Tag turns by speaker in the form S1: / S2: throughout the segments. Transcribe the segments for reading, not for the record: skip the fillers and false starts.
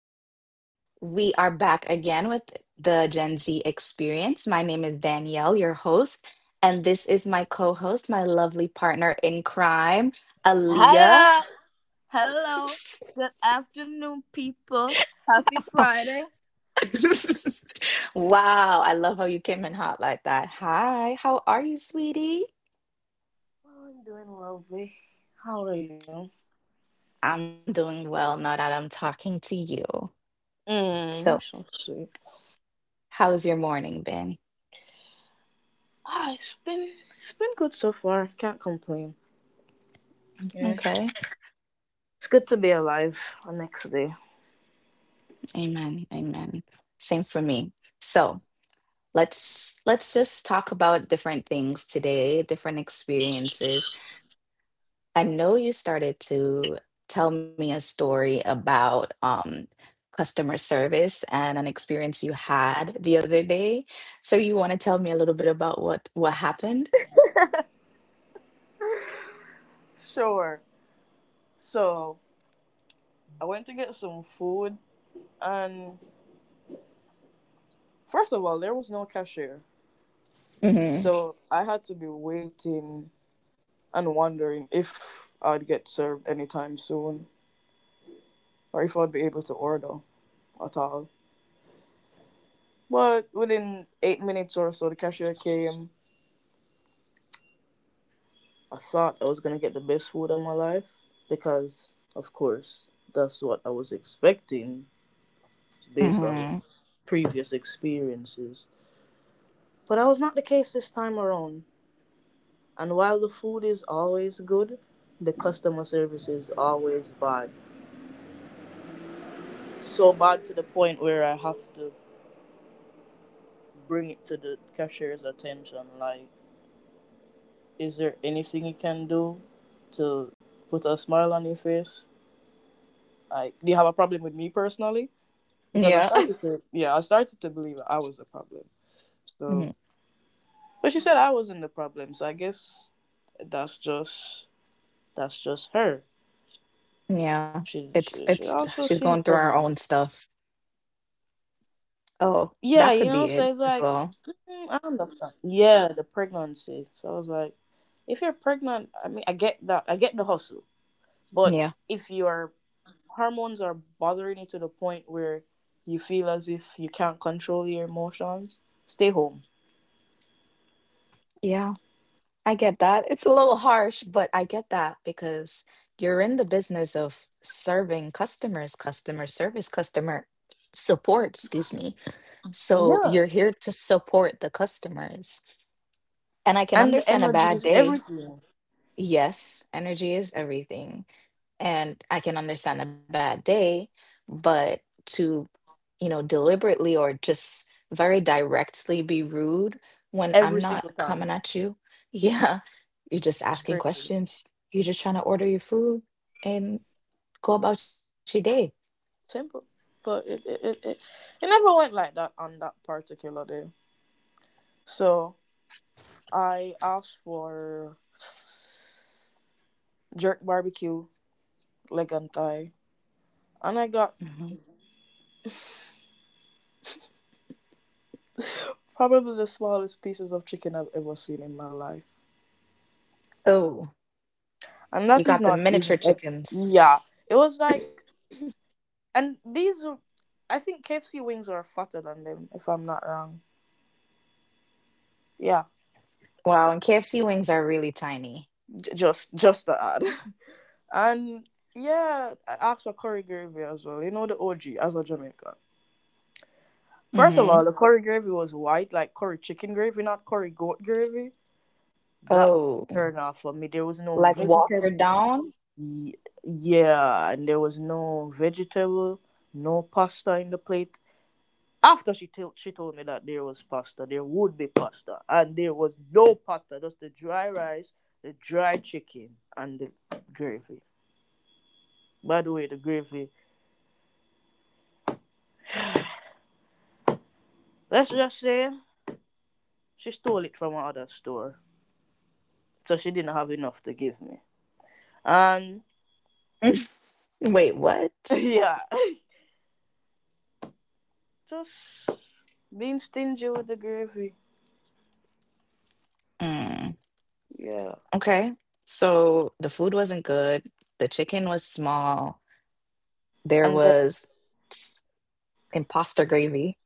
S1: afternoon. We are back again with the Gen Z Experience. My name is Danielle, your host, and this is my co host, my lovely partner in crime, Aaliyah.
S2: Hello. Hello. Good afternoon, people. Happy Friday.
S1: Wow, I love how you came in hot like that. Hi, how are you, sweetie?
S2: Oh, I'm doing lovely. How are you?
S1: I'm doing well now that I'm talking to you.
S2: Mm, you're
S1: So,
S2: so sweet.
S1: how's your morning been?
S2: Ah, it's been good so far. Can't complain. Yeah.
S1: Okay.
S2: It's good to be alive the next day.
S1: Amen. Amen. Same for me. So let's just talk about different things today, different experiences. I know you started to tell me a story about customer service and an experience you had the other day. So you want to tell me a little bit about what happened?
S2: Sure. So I went to get some food and first of all there was no cashier.
S1: Hmm.
S2: So I had to be waiting and wondering if I'd get served anytime soon, or if I'd be able to order at all. But within 8 minutes or so, the cashier came. I thought I was gonna get the best food of my life because, of course, that's what I was expecting based on
S1: Hmm.
S2: previous experiences. But that was not the case this time around. And while the food is always good, the customer service is always bad. So bad to the point where I have to bring it to the cashier's attention. Like, is there anything you can do to put a smile on your face? Like, do you have a problem with me personally? Because I
S1: Yeah.
S2: started to, yeah, I started to believe I was the problem.
S1: Hmm.
S2: So, but she said I wasn't the problem. So I guess that's just that's just her.
S1: Yeah.
S2: She
S1: It's
S2: she, she
S1: it's
S2: also
S1: she's
S2: seemed
S1: going through our
S2: pregnant.
S1: own stuff. Oh,
S2: Yeah,
S1: that
S2: you
S1: could be
S2: know. So
S1: it
S2: it's
S1: as
S2: like
S1: well.
S2: mm, I understand. Yeah, the pregnancy. So I was like, if you're pregnant, I mean, I get that. I get the hustle, but
S1: Yeah.
S2: if you're hormones are bothering you to the point where you feel as if you can't control your emotions, stay home.
S1: Yeah. I get that. It's a little harsh, but I get that because you're in the business of serving customers, customer service, customer support, excuse me. So
S2: Yeah.
S1: you're here to support the customers. And I can
S2: And the
S1: understand a
S2: energy
S1: bad
S2: is
S1: day.
S2: everything,
S1: Yes, energy is everything. And I can understand a bad day, but to, you know, deliberately or just very directly be rude when
S2: every
S1: I'm
S2: single
S1: not coming
S2: time.
S1: at you. Yeah, you're just
S2: It's
S1: asking
S2: crazy.
S1: questions. You're just trying to order your food and go about your day.
S2: Simple. But it never went like that on that particular day. So I asked for jerk barbecue, leg and thigh. And I got
S1: Hmm.
S2: probably the smallest pieces of chicken I've ever seen in my life.
S1: Oh,
S2: And that
S1: you
S2: is
S1: got the
S2: not even.
S1: miniature
S2: It,
S1: chickens.
S2: yeah. It was like, and these, I think KFC wings are fatter than them, if I'm not wrong. Yeah,
S1: Wow, and KFC wings are really tiny.
S2: just to add. And yeah, I asked for curry gravy as well. You know the OG as a Jamaican.
S1: Hmm.
S2: First of all, the curry gravy was white, like curry chicken gravy, not curry goat gravy. That
S1: Oh,
S2: turned off for me. There was no
S1: like
S2: vegetable.
S1: Walker Down?
S2: Yeah, and there was no vegetable, no pasta in the plate. After she told me that there was pasta, there would be pasta, and there was no pasta, just the dry rice, the dry chicken, and the gravy. By the way, the gravy. Let's just say she stole it from another store, so she didn't have enough to give me. And
S1: Wait, what?
S2: yeah, just being stingy with the gravy.
S1: Mm,
S2: Yeah,
S1: okay. So the food wasn't good. The chicken was small. There
S2: and then
S1: was imposter gravy.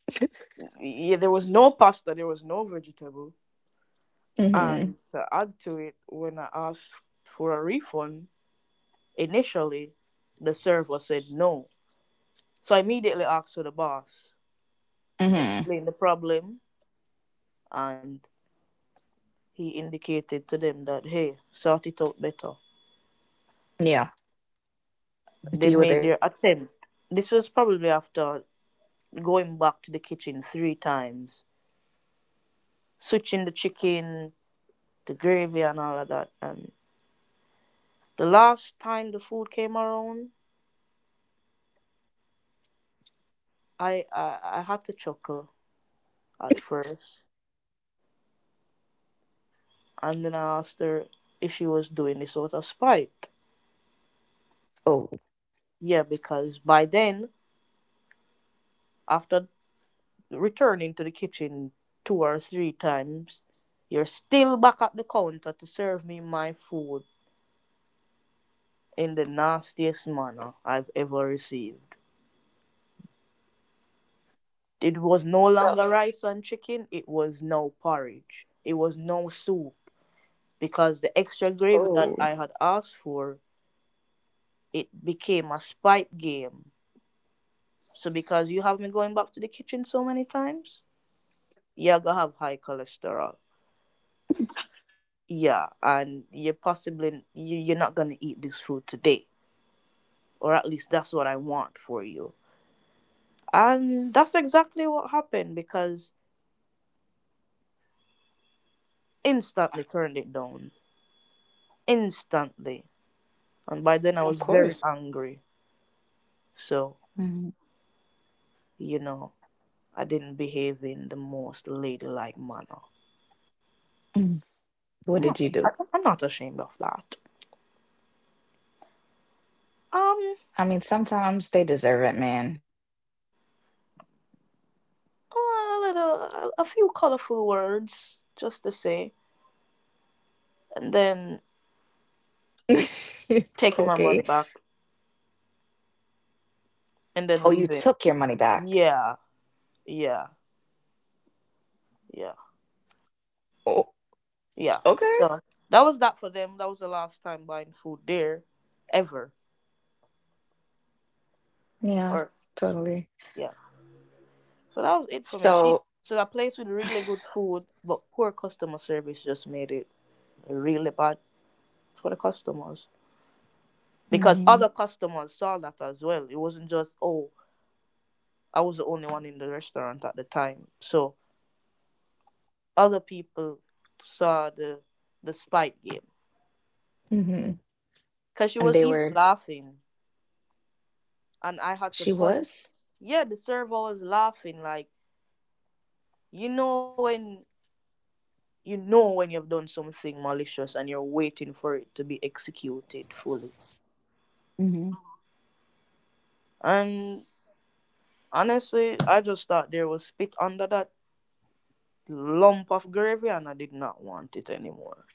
S2: yeah, there was no pasta, there was no vegetable, and
S1: Mm-hmm.
S2: to add to it, when I asked for a refund, initially, the server said no. So I immediately asked for the boss,
S1: Mm-hmm.
S2: explained the problem, and he indicated to them that, hey, sort it out better.
S1: Yeah.
S2: They
S1: Deal with it.
S2: made their attempt. This was probably after going back to the kitchen 3 times, switching the chicken, the gravy, and all of that. And the last time the food came around, I had to chuckle at first. And then I asked her if she was doing this out of spite.
S1: Oh.
S2: Yeah, because by then, after returning to the kitchen 2 or 3 times, you're still back at the counter to serve me my food in the nastiest manner I've ever received. It was no
S1: So
S2: longer rice and chicken, it was no porridge. It was no soup because the extra
S1: oh.
S2: gravy that I had asked for, it became a spite game. So because you have me going back to the kitchen so many times, you're gonna have high cholesterol. Yeah, and you possibly you're not going to eat this food today, or at least that's what I want for you. And that's exactly what happened because instantly turned it down, instantly. And by then I
S1: Of
S2: was very
S1: course.
S2: angry, so
S1: Mm.
S2: you know, I didn't behave in the most ladylike manner.
S1: Mm. What
S2: I'm
S1: did
S2: not,
S1: you do?
S2: I'm not ashamed of that. um
S1: I mean, sometimes they deserve it, man.
S2: oh, a little a few colorful words just to say, and then taking my money
S1: Okay.
S2: back, and then
S1: Oh, you
S2: leaving.
S1: took your money back.
S2: Yeah, yeah, yeah,
S1: Oh,
S2: yeah.
S1: okay.
S2: So that was that for them. That was the last time buying food there, ever.
S1: Yeah,
S2: Or
S1: totally.
S2: yeah. So that was it for me. She,
S1: So,
S2: so a place with really good food, but poor customer service just made it really bad for the customers, because
S1: hmm.
S2: other customers saw that as well. It wasn't just, oh, I was the only one in the restaurant at the time. So other people saw the spite game,
S1: Mm-hmm.
S2: because she
S1: And
S2: was
S1: they
S2: even
S1: were,
S2: laughing, and
S1: she
S2: I had to
S1: was?
S2: point. Yeah, the server was laughing like, you know when, you know when you've done something malicious and you're waiting for it to be executed fully. And honestly, I just thought there was spit under that lump of gravy and I did not want it anymore.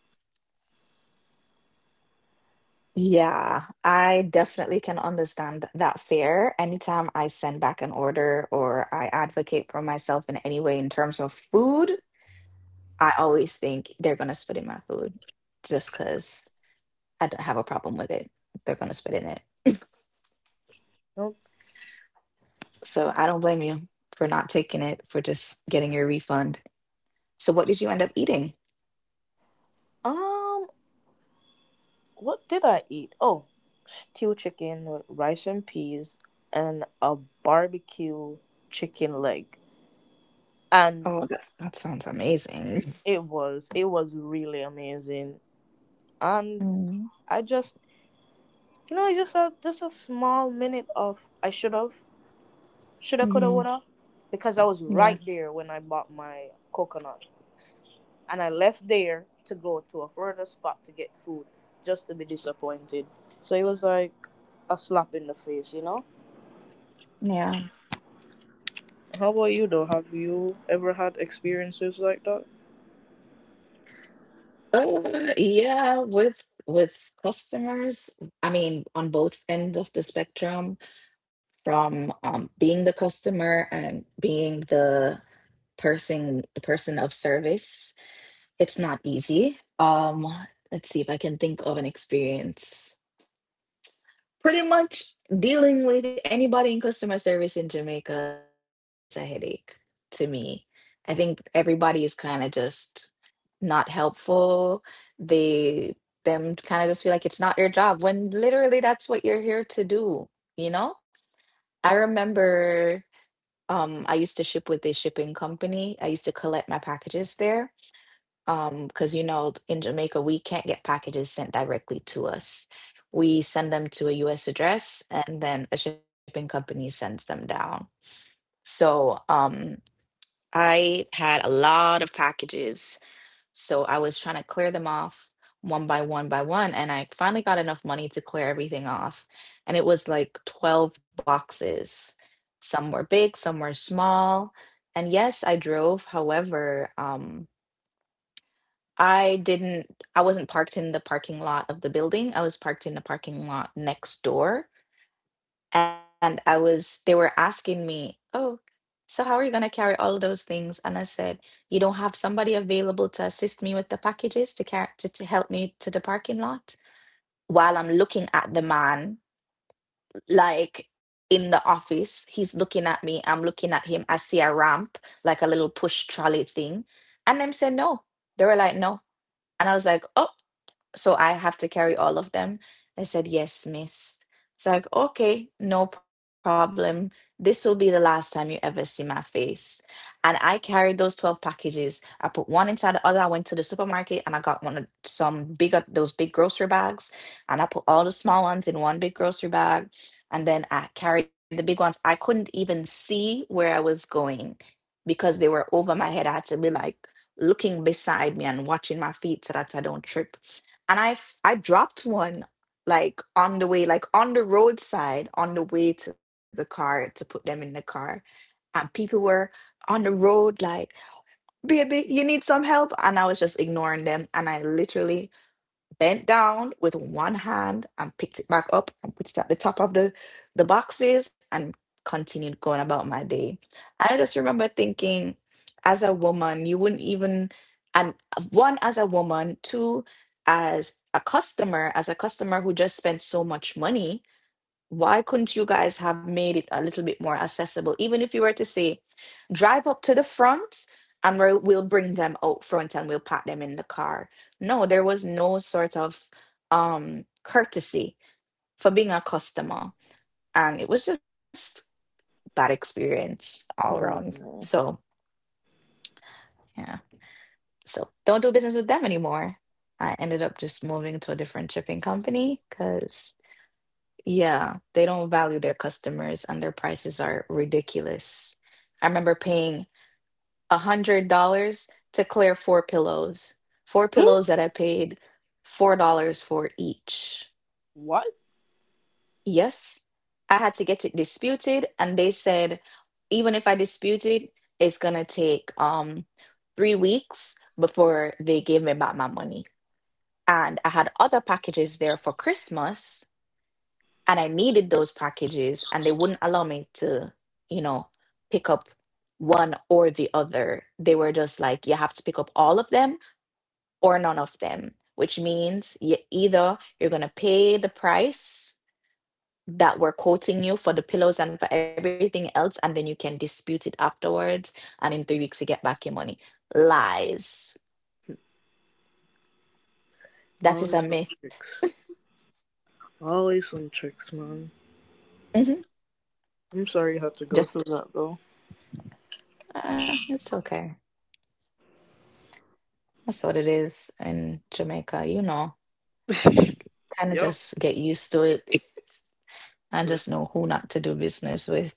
S1: Yeah, I definitely can understand that fear. Anytime I send back an order or I advocate for myself in any way in terms of food, I always think they're going to spit in my food just because I don't have a problem with it. They're going to spit in it.
S2: Nope.
S1: So I don't blame you for not taking it, for just getting your refund. So, what did you end up eating?
S2: Um, what did I eat? Oh, stew chicken with rice and peas and a barbecue chicken leg. And
S1: Oh, that, that sounds amazing.
S2: it was really amazing. And
S1: Mm.
S2: I just, you know, it's just a small minute of I should have, shoulda, coulda,
S1: Mhm.
S2: woulda, because I was
S1: Yeah,
S2: right there when I bought my coconut, and I left there to go to a further spot to get food, just to be disappointed. So it was like a slap in the face, you know.
S1: yeah.
S2: How about you though? Have you ever had experiences like that?
S1: Yeah, with customers, I mean, on both end of the spectrum, from being the customer and being the person of service, it's not easy. Let's see if I can think of an experience. Pretty much dealing with anybody in customer service in Jamaica is a headache to me. I think everybody is kind of just not helpful. They them kind of just feel like it's not your job when literally that's what you're here to do, you know? I remember I used to ship with a shipping company. I used to collect my packages there. Because you know, in Jamaica we can't get packages sent directly to us. We send them to a US address and then a shipping company sends them down. So, I had a lot of packages, so I was trying to clear them off one by one by one, and I finally got enough money to clear everything off. And it was like 12 boxes. Some were big, some were small. And yes, I drove. However, I didn't, I wasn't parked in the parking lot of the building. I was parked in the parking lot next door, and I was they were asking me, "Oh, so how are you going to carry all of those things?" And I said, "You don't have somebody available to assist me with the packages to carry to help me to the parking lot." While I'm looking at the man, like in the office, he's looking at me. I'm looking at him. I see a ramp, like a little push trolley thing, and them said no. They were like no, and I was like, oh. So I have to carry all of them. I said, yes, miss. It's like, okay, no problem. This will be the last time you ever see my face. And I carried those 12 packages. I put one inside the other. I went to the supermarket and I got one of some bigger, those big grocery bags. And I put all the small ones in one big grocery bag. And then I carried the big ones. I couldn't even see where I was going because they were over my head. I had to be like looking beside me and watching my feet so that I don't trip, and I I dropped one like on the way, like on the roadside, on the way to the car to put them in the car, and people were on the road like, "Baby, you need some help," and I was just ignoring them, and I literally bent down with one hand and picked it back up and put it at the top of the boxes and continued going about my day. I just remember thinking, as a woman, you wouldn't even, and one as a woman, two as a customer who just spent so much money. Why couldn't you guys have made it a little bit more accessible? Even if you were to say, drive up to the front and we're, we'll bring them out front and we'll pat them in the car. No, there was no sort of courtesy for being a customer. And it was just bad experience all around.
S2: Oh, no.
S1: So, yeah. So don't do business with them anymore. I ended up just moving to a different shipping company because yeah, they don't value their customers and their prices are ridiculous. I remember paying $100 to clear four pillows. Four pillows
S2: Huh?
S1: that I paid $4 for each.
S2: What?
S1: Yes, I had to get it disputed, and they said even if I dispute it, it's gonna take 3 weeks before they gave me back my money. And I had other packages there for Christmas and I needed those packages, and they wouldn't allow me to, you know, pick up one or the other. They were just like, you have to pick up all of them or none of them, which means you either you're gonna pay the price that we're quoting you for the pillows and for everything else, and then you can dispute it afterwards, and in 3 weeks you get back your money. Lies. That is
S2: Always
S1: a
S2: some
S1: myth.
S2: tricks. Always some tricks, man.
S1: Hmm.
S2: I'm sorry you had to go
S1: Just
S2: through that though.
S1: it's okay. That's what it is in Jamaica, you know. Kind of
S2: Yep.
S1: just get used to it and just know who not to do business with.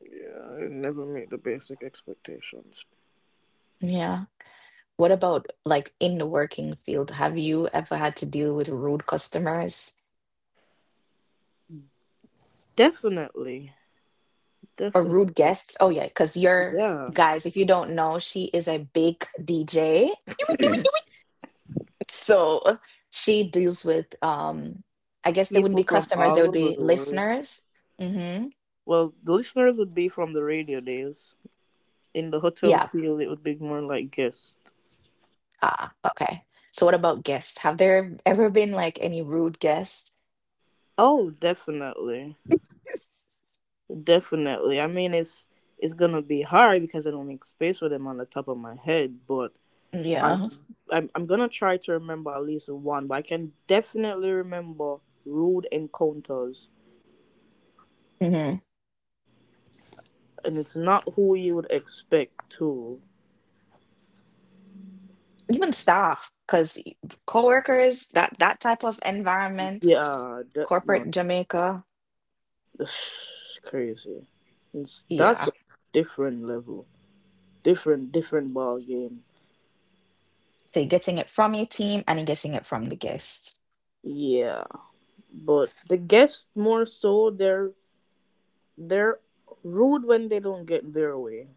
S2: Yeah, I never meet the basic expectations.
S1: Yeah. What about like in the working field? Have you ever had to deal with rude customers
S2: Definitely,
S1: or rude
S2: definitely.
S1: guests? Oh, yeah, because you're
S2: Yeah,
S1: guys, if you don't know, she is a big DJ. So she deals with I guess they wouldn't
S2: people
S1: be
S2: from
S1: customers,
S2: all
S1: they would
S2: over
S1: be
S2: the world.
S1: listeners. Mm-hmm.
S2: Well, the listeners would be from the radio days. In the hotel
S1: Yeah.
S2: field, it would be more like guests.
S1: Ah, okay. So what about guests? Have there ever been like any rude guests?
S2: Oh, definitely, definitely. I mean, it's gonna be hard because I don't make space for them on the top of my head, but I'm
S1: Yeah.
S2: I'm gonna try to remember at least one. But I can definitely remember rude encounters,
S1: Hmm.
S2: and it's not who you would expect to.
S1: Even staff, because coworkers, that type of environment,
S2: Yeah, that, no,
S1: corporate Jamaica,
S2: that's crazy. It's
S1: yeah.
S2: that's a different level, different ball game.
S1: So you're getting it from your team and you're getting it from the guests.
S2: Yeah, but the guests more so they're rude when they don't get their way.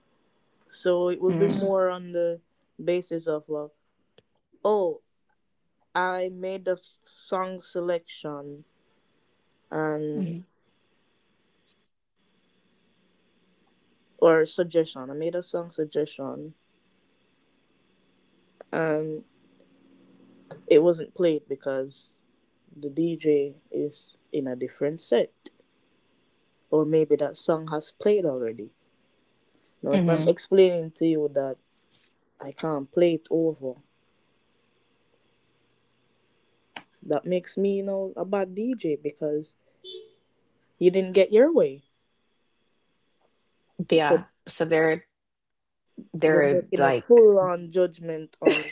S2: So it would be
S1: Mm.
S2: more on the basis of like, oh, I made a song selection
S1: Hmm.
S2: and, or suggestion. I made a song suggestion, and it wasn't played because the DJ is in a different set, or maybe that song has played already. Now,
S1: Hmm.
S2: if I'm explaining to you that I can't play it over, that makes me, you know, a bad DJ because you didn't get your way.
S1: Yeah.
S2: But
S1: So
S2: they're
S1: they're
S2: making a
S1: like,
S2: full on judgment on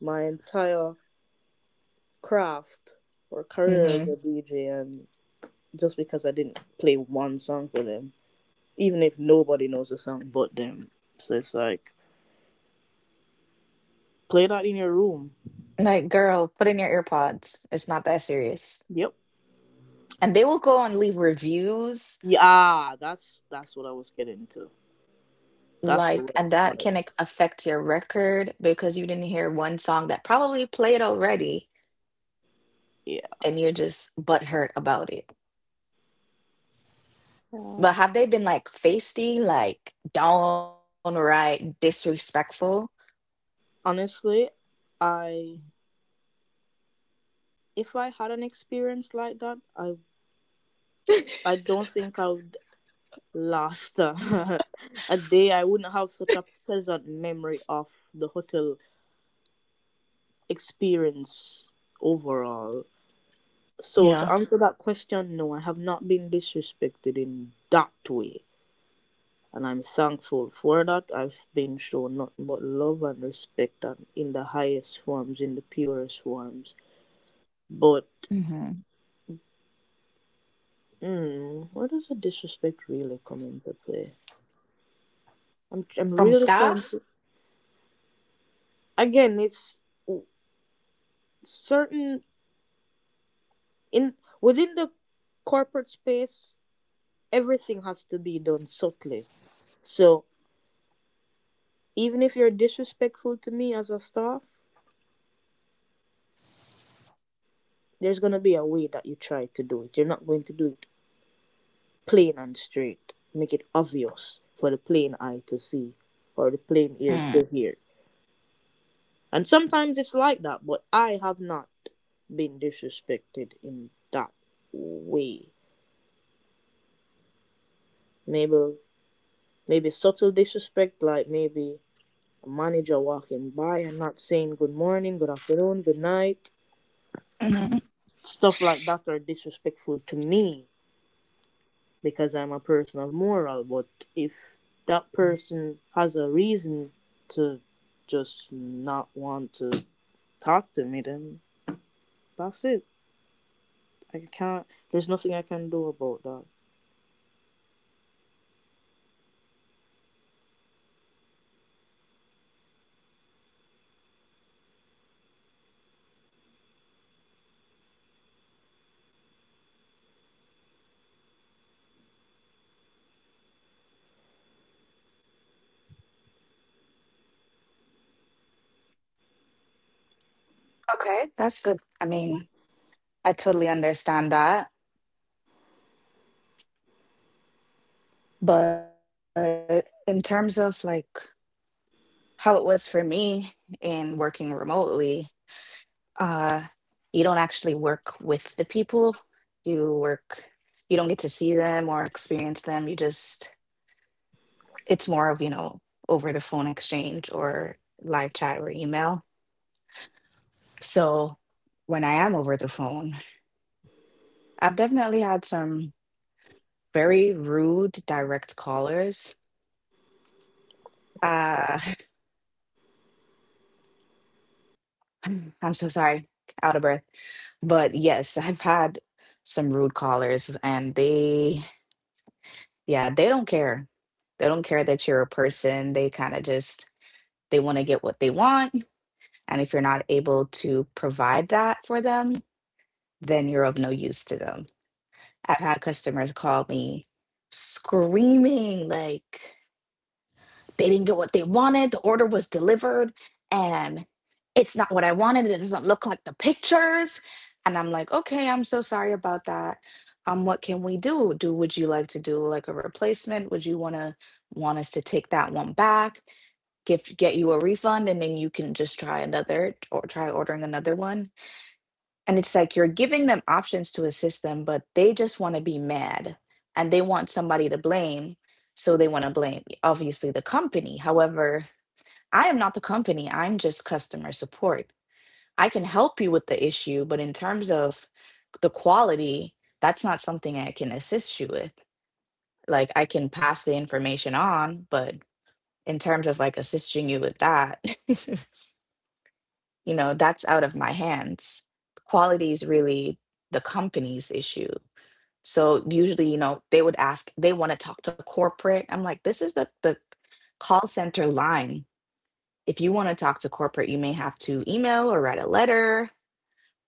S2: my entire craft or career as
S1: hmm,
S2: a DJ, and just because I didn't play one song for them, even if nobody knows the song but them. So it's like, play that in your room.
S1: like, girl, put in your earpods. It's not that serious.
S2: Yep.
S1: And they will go and leave reviews,
S2: Yeah, ah, that's what I was getting to. That's the
S1: like, and
S2: worst
S1: that
S2: part.
S1: can like, affect your record because you didn't hear one song that probably played already
S2: Yeah.
S1: and you're just butthurt about it.
S2: Yeah.
S1: But have they been like feisty, like downright disrespectful?
S2: Honestly, I, if I had an experience like that, I don't think I would last a, a day. I wouldn't have such a pleasant memory of the hotel experience overall. So
S1: Yeah.
S2: to answer that question, no, I have not been disrespected in that way. And I'm thankful for that. I've been shown nothing but love and respect and in the highest forms, in the purest forms. But
S1: Hmm.
S2: mm, where does the disrespect really come into play? I'm
S1: From
S2: really trying
S1: staff?
S2: to, again. It's certain, in, within the corporate space, everything has to be done subtly. So even if you're disrespectful to me as a staff, there's gonna be a way that you try to do it. You're not going to do it plain and straight. Make it obvious for the plain eye to see or the plain ear
S1: Mm.
S2: to hear. And sometimes it's like that, but I have not been disrespected in that way. Maybe, maybe subtle disrespect, like maybe a manager walking by and not saying good morning, good afternoon, good night.
S1: Hmm.
S2: Stuff like that are disrespectful to me because I'm a person of moral. But if that person has a reason to just not want to talk to me, then that's it. I can't. There's nothing I can do about that.
S1: Okay, that's good. I mean, I totally understand that. But in terms of like how it was for me in working remotely, uh, you don't actually work with the people. You work, you don't get to see them or experience them. You just it's more of, you know, over the phone exchange or live chat or email. So when I am over the phone, I've definitely had some very rude direct callers. uh I'm so sorry, out of breath, but yes, I've had some rude callers and they, yeah, they don't care. They don't care that you're a person. They kind of just they want to get what they want, and if you're not able to provide that for them, then you're of no use to them. I've had customers call me screaming like they didn't get what they wanted, the order was delivered, and it's not what I wanted. It doesn't look like the pictures. And I'm like, okay, I'm so sorry about that. What can we do? Would you like to do like a replacement? Would you wanna want us to take that one back, give get you a refund, and then you can just try another or try ordering another one? And it's like you're giving them options to assist them, but they just want to be mad and they want somebody to blame. So they want to blame, obviously, the company. However, I am not the company, I'm just customer support. I can help you with the issue, but in terms of the quality, that's not something I can assist you with. Like, I can pass the information on, but in terms of like assisting you with that, that's out of my hands. Quality is really the company's issue. So usually, they would ask, they want to talk to corporate. I'm like, this is the call center line. If you want to talk to corporate, you may have to email or write a letter,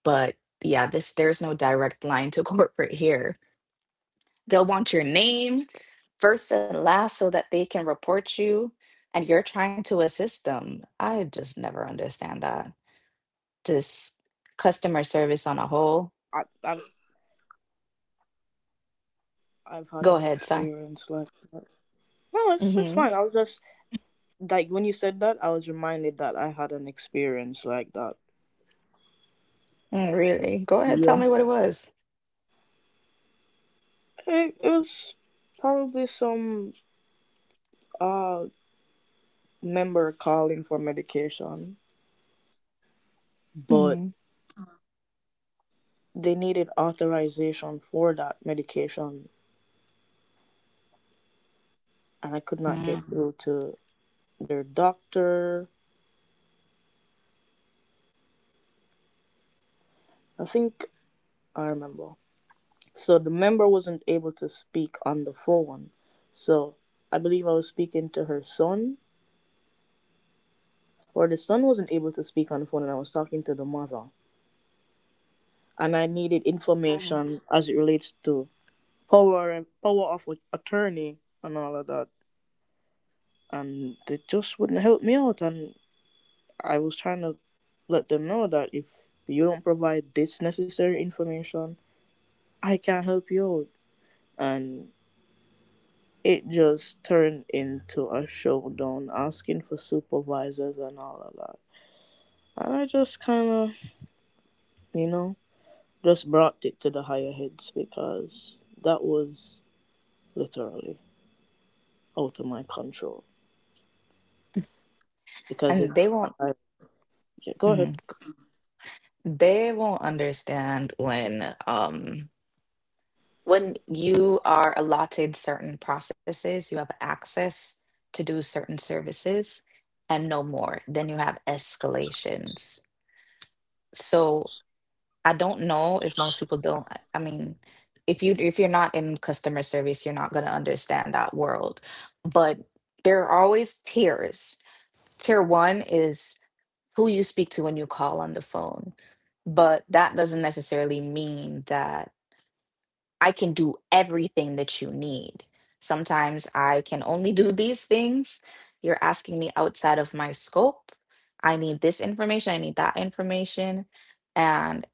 S1: but yeah, this there's no direct line to corporate here. They'll want your name first and last so that they can report you and you're trying to assist them. I just never understand that. Just customer service on a whole.
S2: I've I've had
S1: Go
S2: an
S1: ahead, sorry.
S2: experience like that. No, it's
S1: Mm-hmm.
S2: fine. I was just like, when you said that, I was reminded that I had an experience like that.
S1: Really? Go ahead, tell
S2: Yeah,
S1: me what it was.
S2: it was probably some uh member calling for medication, but
S1: Mm-hmm.
S2: they needed authorization for that medication and I could
S1: Mm.
S2: not get through to their doctor. I think I remember. So the member wasn't able to speak on the phone. So I believe I was speaking to her son, or the son wasn't able to speak on the phone and I was talking to the mother. And I needed
S1: Mhm.
S2: information as it relates to power and power of attorney and all of that. And they just wouldn't help me out, and I was trying to let them know that if you don't provide this necessary information, I can't help you out. And it just turned into a showdown, asking for supervisors and all of that. And I just kind of, you know, just brought it to the higher heads because that was literally out of my control. Because if
S1: And they won't.
S2: I. Yeah, go ahead.
S1: Mhm. They won't understand when you are allotted certain processes, you have access to do certain services and no more. Then you have escalations. So I don't know if most people don't. I mean, if you're not in customer service, you're not going to understand that world. But there are always tiers. Tier 1 is who you speak to when you call on the phone. But that doesn't necessarily mean that I can do everything that you need. Sometimes I can only do these things. You're asking me outside of my scope. I need this information, I need that information. And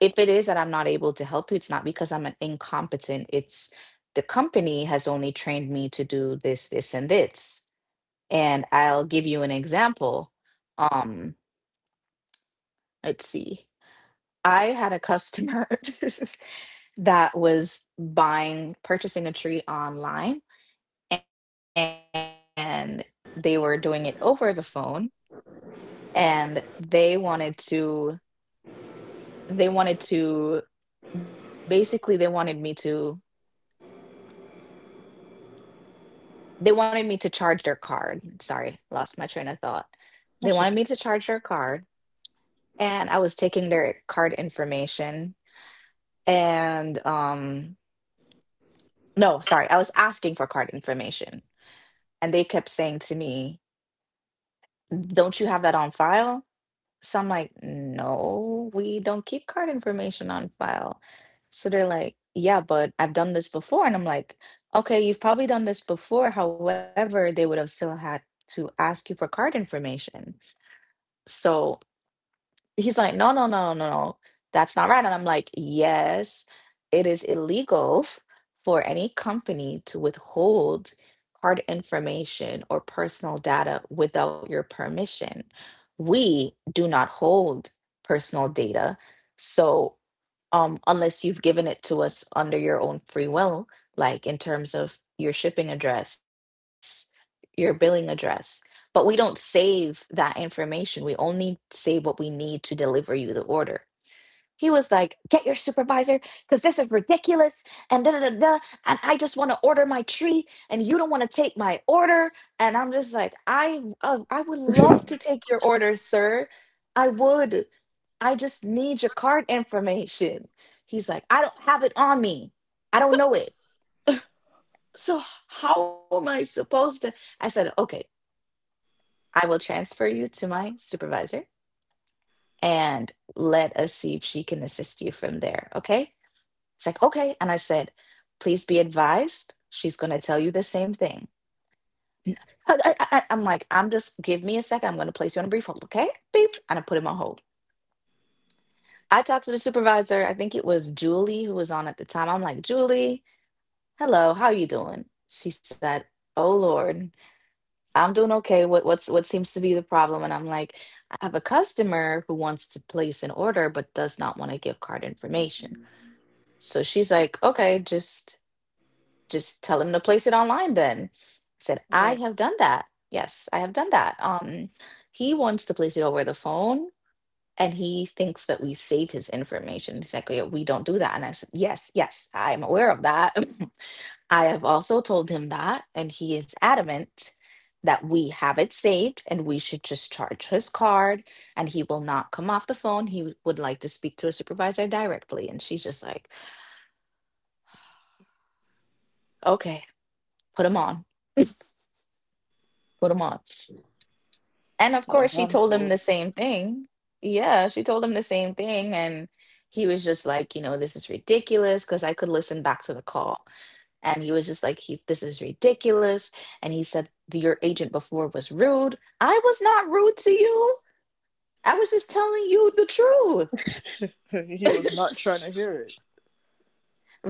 S1: if it is that I'm not able to help you, it's not because I'm an incompetent. It's the company has only trained me to do this, this, and this. And I'll give you an example. Um, let's see. I had a customer that was purchasing a tree online, and they were doing it over the phone, and they wanted to, basically, they wanted me to charge their card. Sorry, lost my train of thought. They
S2: That's
S1: wanted me
S2: okay.
S1: to charge their card, and I was taking their card information, and no, sorry, I was asking for card information, and they kept saying to me, "Don't you have that on file?" So I'm like, no, we don't keep card information on file. So they're like, yeah, but I've done this before. And I'm like, okay, you've probably done this before. However, they would have still had to ask you for card information. So he's like, no, no, no, no, no, no. That's not right. And I'm like, yes, it is illegal for any company to withhold card information or personal data without your permission. We do not hold personal data. So unless you've given it to us under your own free will, like in terms of your shipping address, your billing address. But we don't save that information. We only save what we need to deliver you the order. He was like, "Get your supervisor, because this is ridiculous." And da da da da. And I just want to order my tree, and you don't want to take my order. And I'm just like, I would
S2: All
S1: love to take your order, sir. I would. I just need your card information. He's like, I don't have it on me. I don't know it. So how am I supposed to? I said, okay, I will transfer you to my supervisor and let us see if she can assist you from there. Okay. It's like, okay. And I said, please be advised, she's going to tell you the same thing. I am like, I'm just, give me a second. I'm going to place you on a brief hold, okay? Beep. And I put him on hold. I talked to the supervisor. I think it was Julie who was on at the time. I'm like, Julie, hello, how are you doing? She said, oh Lord, I'm doing okay. What what seems to be the problem? And I'm like, I have a customer who wants to place an order but does not want to give card information. So she's like, okay, just tell them to place it online then. I said, I
S2: right.
S1: have done that. Yes, I have done that. He wants to place it over the phone and he thinks that we save his information. He's like, "Yeah, we don't do that." And I said, yes, yes, I am aware of that. I have also told him that, and he is adamant that we have it saved and we should just charge his card and he will not come off the phone. He would like to speak to a supervisor directly. And she's just like, okay, put him on, put him on. And of
S2: A
S1: course, she told him
S2: handful.
S1: the same thing. Yeah, she told him the same thing. And he was just like, you know, this is ridiculous because I could listen back to the call. And he was just like, this is ridiculous. And he said, your agent before was rude. I was not rude to you. I was just telling you the
S2: He was not trying
S1: truth.
S2: to hear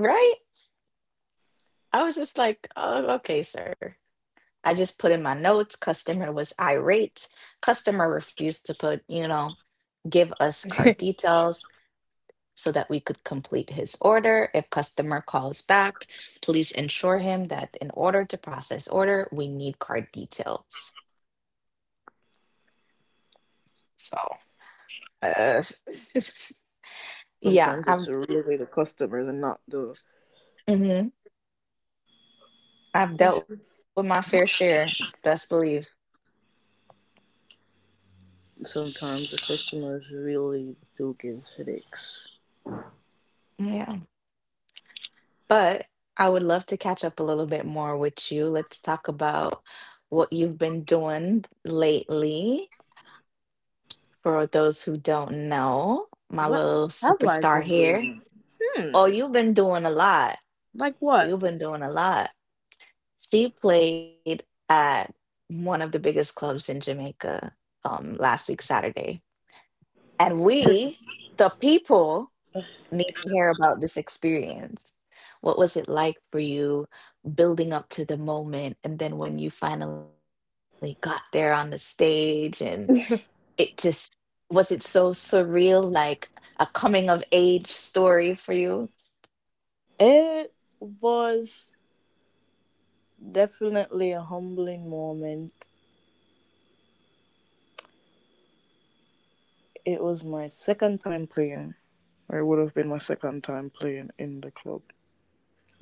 S1: Right? I was just like, oh, okay, sir. I just put in my notes. Customer was irate. Customer refused to put,
S2: it.
S1: you know, give us card details so that we could complete his order. If customer calls back, please ensure him that in order to process order, we need card details. So, uh,
S2: Sometimes it's
S1: yeah,
S2: really the customers and not the.
S1: mhm, I've dealt with my fair share, best believe.
S2: Sometimes the customers really do give headaches.
S1: Yeah, but I would love to catch up a little bit more with you. Let's talk about what you've been doing lately. For those who don't know, my
S2: What
S1: little
S2: have I been
S1: superstar here.
S2: doing?
S1: Oh,
S2: Hmm.
S1: you've been doing a lot.
S2: Like what?
S1: You've been doing a lot. She played at one of the biggest clubs in Jamaica last week, Saturday. And we, the people, need to hear about this experience. What was it like for you building up to the moment? And then when you finally got there on the stage, and it just was it so surreal, like a coming of age story for you?
S2: It was definitely a humbling moment. It was my second time playing. It would have been my second time playing in the club,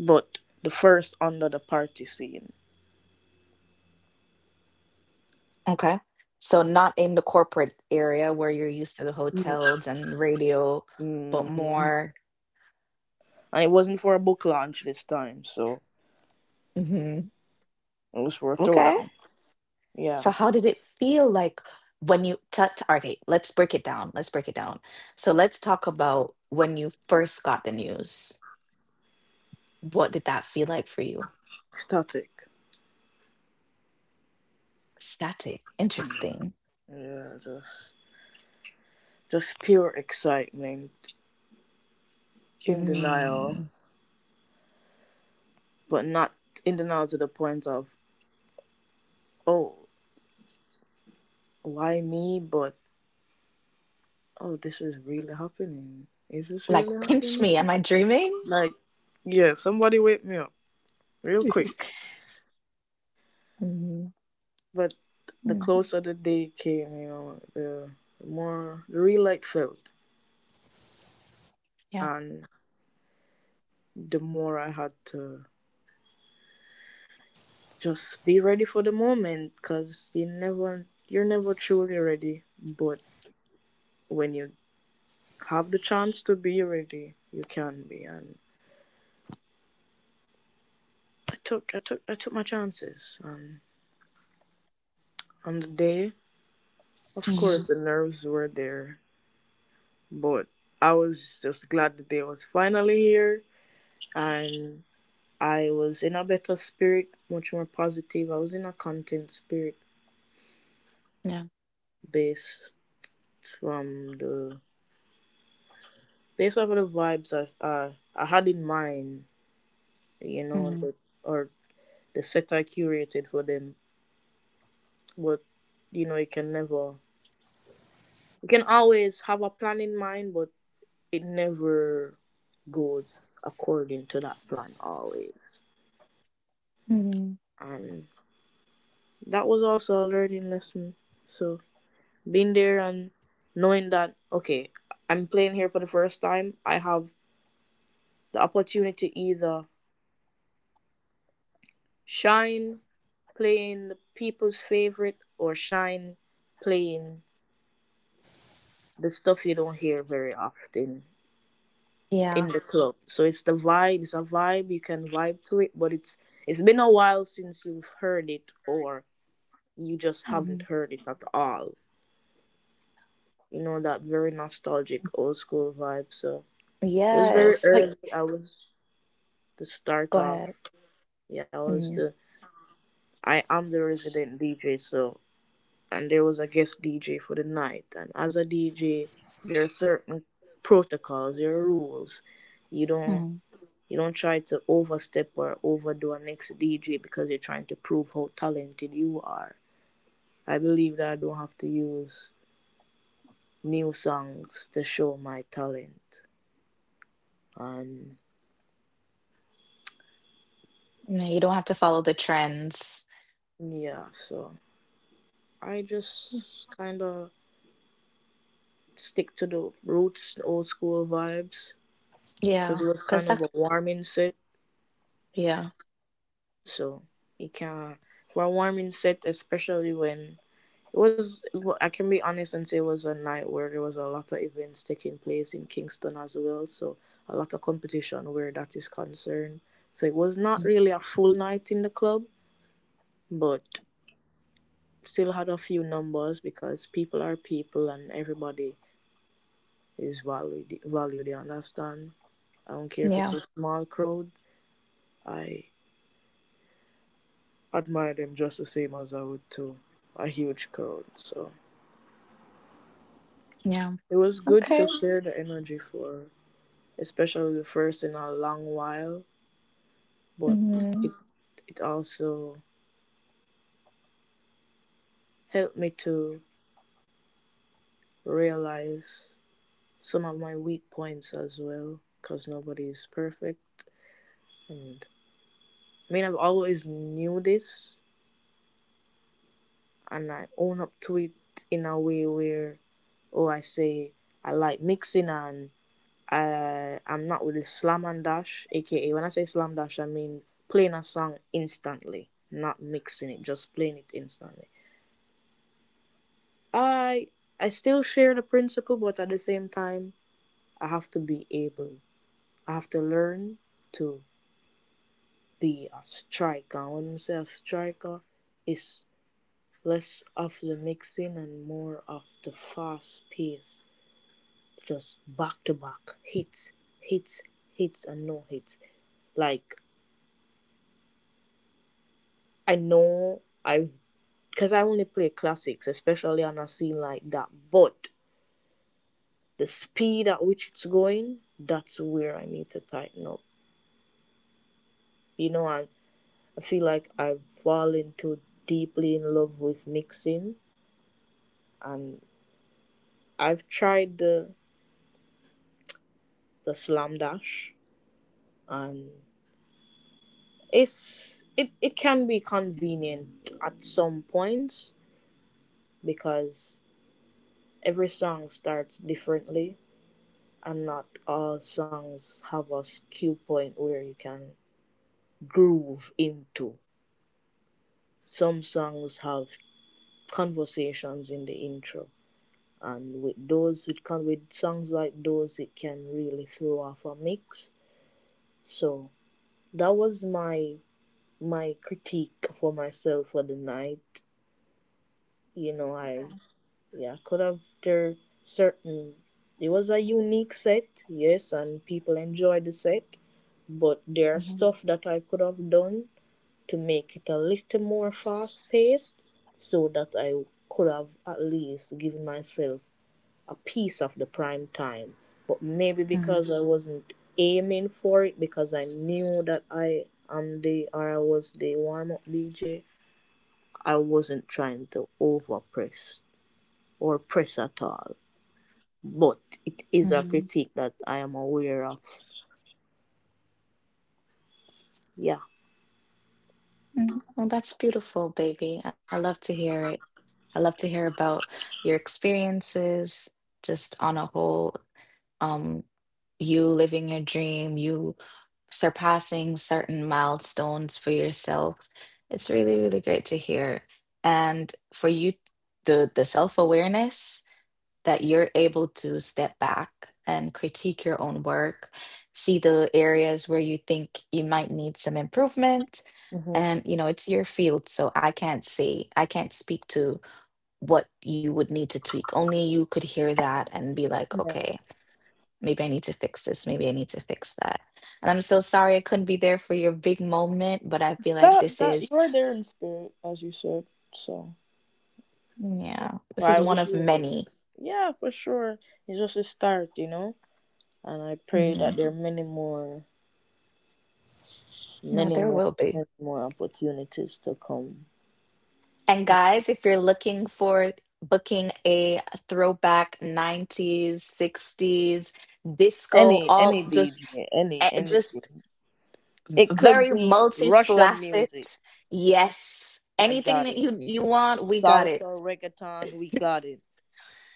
S2: but the first under the party scene.
S1: Okay. So not in the corporate area where you're used to the
S2: Mm.
S1: hotels and radio, but
S2: Mm.
S1: more.
S2: And it wasn't for a book launch this time, so
S1: Hmm.
S2: it was for a
S1: Okay.
S2: throwdown. Yeah,
S1: So how did it feel like when you t t- okay, let's break it down. Let's break it down. So let's talk about when you first got the news. What did that feel like for you?
S2: static.
S1: Static. Interesting.
S2: Yeah, just pure excitement, in denial,
S1: Mm.
S2: but not in denial to the point of oh, why me? But oh, this is really happening. Is this
S1: Like
S2: really
S1: pinch
S2: happening?
S1: me. Am I dreaming?
S2: Like, yeah, somebody wake me up real quick.
S1: Mhm.
S2: But the
S1: Mm.
S2: closer the day came, you know, the more the real light felt,
S1: Yeah.
S2: and the more I had to just be ready for the moment because you never you're never truly ready. But when you have the chance to be ready, you can be. And I took my chances. And on the day, of
S1: Hmm.
S2: course, the nerves were there, but I was just glad the day was finally here, and I was in a better spirit, much more positive. I was in a content spirit
S1: Yeah.
S2: based from the based off of the vibes I had in mind, you
S1: Hmm.
S2: know, the, or the sector curated for them. But you know, you can never, you can always have a plan in mind, but it never goes according to that plan always.
S1: Hmm.
S2: And that was also a learning lesson. So being there and knowing that okay, I'm playing here for the first time. I have the opportunity to either shine playing the people's favorite or shine playing the stuff you don't hear very often
S1: Yeah.
S2: in the club. So it's the vibe, it's a vibe, you can vibe to it, but it's been a while since you've heard it, or you just haven't heard it at all. You know, that very nostalgic old school vibe. So it was very
S1: Yes, wait.
S2: early. I was the start
S1: Go
S2: off.
S1: ahead.
S2: Yeah, I was the
S1: Mhm.
S2: I am the resident DJ, so and there was a guest DJ for the night. And as a DJ, there are certain protocols, there are rules. You don't
S1: Mhm.
S2: You don't try to overstep or overdo a next DJ because you're trying to prove how talented you are. I believe that I don't have to use new songs to show my talent. And
S1: No, you don't have to follow the trends.
S2: yeah, so I just kind of stick to the roots, old school vibes, because it
S1: Yeah.
S2: was kind
S1: Cause
S2: of
S1: that
S2: a warming set.
S1: yeah.
S2: So you can, for a warming set, especially when it was, well, I can be honest and say it was a night where there was a lot of events taking place in Kingston as well, so a lot of competition where that is concerned. So it was not
S1: Mm.
S2: really a full night in the club, but still had a few numbers because people are people and everybody is valued, valued they understand. I don't care if
S1: Yeah,
S2: it's a small crowd, I admire them just the same as I would to a huge crowd. So
S1: yeah.
S2: it was good
S1: Okay.
S2: to share the energy for especially the first in a long while, but mm-hmm,
S1: Mhm.
S2: it also helped me to realize some of my weak points as well, because nobody is perfect. And I mean, I've always knew this, and I own up to it in a way where, oh, I say I like mixing and I'm not with the slam and dash, aka when I say slam dash, I mean playing a song instantly, not mixing it, just playing it instantly. I I still share the principle, but at the same time, I have to be able. I have to learn to be a striker. And when I say a striker, it's less of the mixing and more of the fast pace, just back to back hits, hits, hits, and no hits. Like I know I've because I only play classics, especially on a scene like that. But the speed at which it's going, that's where I need to tighten up, you know, and I feel like I've fallen too deeply in love with mixing, and I've tried the slam dash, and it can be convenient at some points because every song starts differently, and not all songs have a cue point where you can groove into. Some songs have conversations in the intro, and with songs like those it can really throw off a mix. So that was my critique for myself for the night, you know, I yeah could have there certain it was a unique set, yes, and people enjoyed the set, but there's
S1: Mhm.
S2: stuff that I could have done to make it a little more fast paced so that I could have at least given myself a piece of the prime time, but maybe
S1: Mhm.
S2: because I wasn't aiming for it because I knew that I am the or I was the warm up DJ. I wasn't trying to over press or press at all, but
S1: Mhm.
S2: it is a critique that I am aware of. Yeah.
S1: Mm. Well, that's beautiful, baby. I love to hear it. I love to hear about your experiences just on a whole, um, you living your dream, you surpassing certain milestones for yourself. It's really, really great to hear. And for you, the self-awareness that you're able to step back and critique your own work, see the areas where you think you might need some improvement.
S2: Hmm.
S1: And you know, it's your field, so I can't say, I can't speak to what you would need to tweak. Only you could hear that and be like,
S2: Yeah.
S1: okay, maybe I need to fix this, maybe I need to fix that. And I'm so sorry I couldn't be there for your big moment, but I feel like
S2: That
S1: this
S2: that
S1: is.
S2: you are there in spirit, as you said. So
S1: Yeah, this is one of
S2: well, I wish
S1: many.
S2: you were there. Yeah, for sure. It's just a start, you know. And I pray
S1: Hmm.
S2: that there are many more
S1: No,
S2: many
S1: there
S2: more
S1: will be.
S2: many more opportunities to come.
S1: And guys, if you're looking for booking a throwback 90s, 60s, disco,
S2: Any
S1: all
S2: any DJ, any
S1: just
S2: anything. It could
S1: very
S2: be Russian
S1: multi-faceted.
S2: music.
S1: Yes.
S2: I
S1: Anything
S2: got
S1: that
S2: it.
S1: you want, we got it.
S2: Salsa, reggaeton, we got it.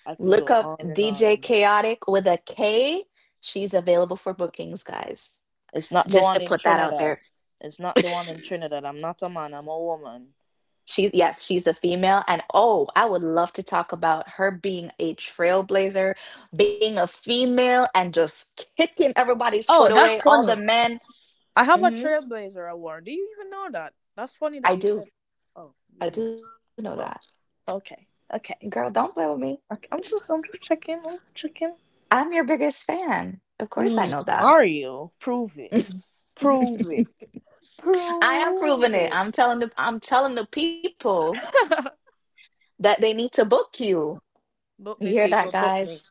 S2: I could
S1: Look
S2: go
S1: up
S2: on and
S1: DJ
S2: on.
S1: Chaotic with a K. She's available for bookings, guys.
S2: It's not the
S1: Just to
S2: one in
S1: put that out
S2: Trinidad.
S1: there.
S2: It's not the one in Trinidad. I'm not a man, I'm a woman.
S1: She, yes, she's a female. And oh, I would love to talk about her being a trailblazer, being a female, and just kicking everybody's foot
S2: Oh,
S1: away,
S2: that's
S1: all the
S2: funny.
S1: men.
S2: I have a
S1: Hmm.
S2: Trailblazer award. Do you even know that? That's funny
S1: I
S2: that you
S1: do.
S2: said. Oh, you
S1: I do
S2: do.
S1: know that.
S2: Oh, okay,
S1: Girl, don't
S2: okay,
S1: play with me.
S2: okay. I'm just checking. I'm just checking.
S1: I'm your biggest fan. Of course I know
S2: Mm,
S1: that.
S2: are you? Prove it.
S1: I
S2: Prove it.
S1: am proving
S2: Prove
S1: it.
S2: it.
S1: I'm telling the people that they need to book you.
S2: Book
S1: You
S2: me,
S1: hear that,
S2: people. Book
S1: guys?
S2: me.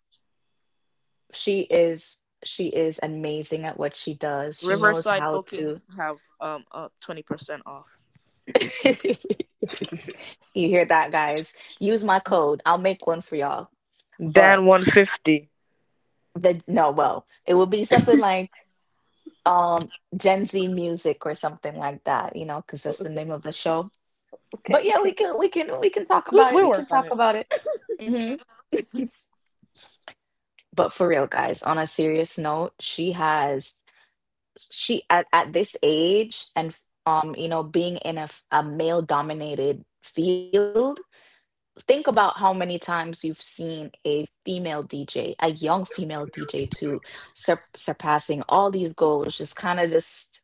S1: She is amazing at what she does. She knows
S2: Riverside
S1: how to
S2: bookings have 20% off.
S1: You hear that, guys? Use my code. I'll make one for y'all.
S2: Dan
S1: But
S2: 150.
S1: the no, well, it would be something like Gen Z music or something like that, because
S2: Oh,
S1: that's the
S2: okay.
S1: name of the show.
S2: Okay.
S1: But yeah,
S2: Okay.
S1: we can talk about it.
S2: We
S1: We can
S2: work on
S1: talk
S2: it.
S1: about it. hmm but for real, guys, on a serious note, she at this age and you know, being in a, a male dominated field, think about how many times you've seen a female dj, a young female dj too, surpassing all these goals, just kind of just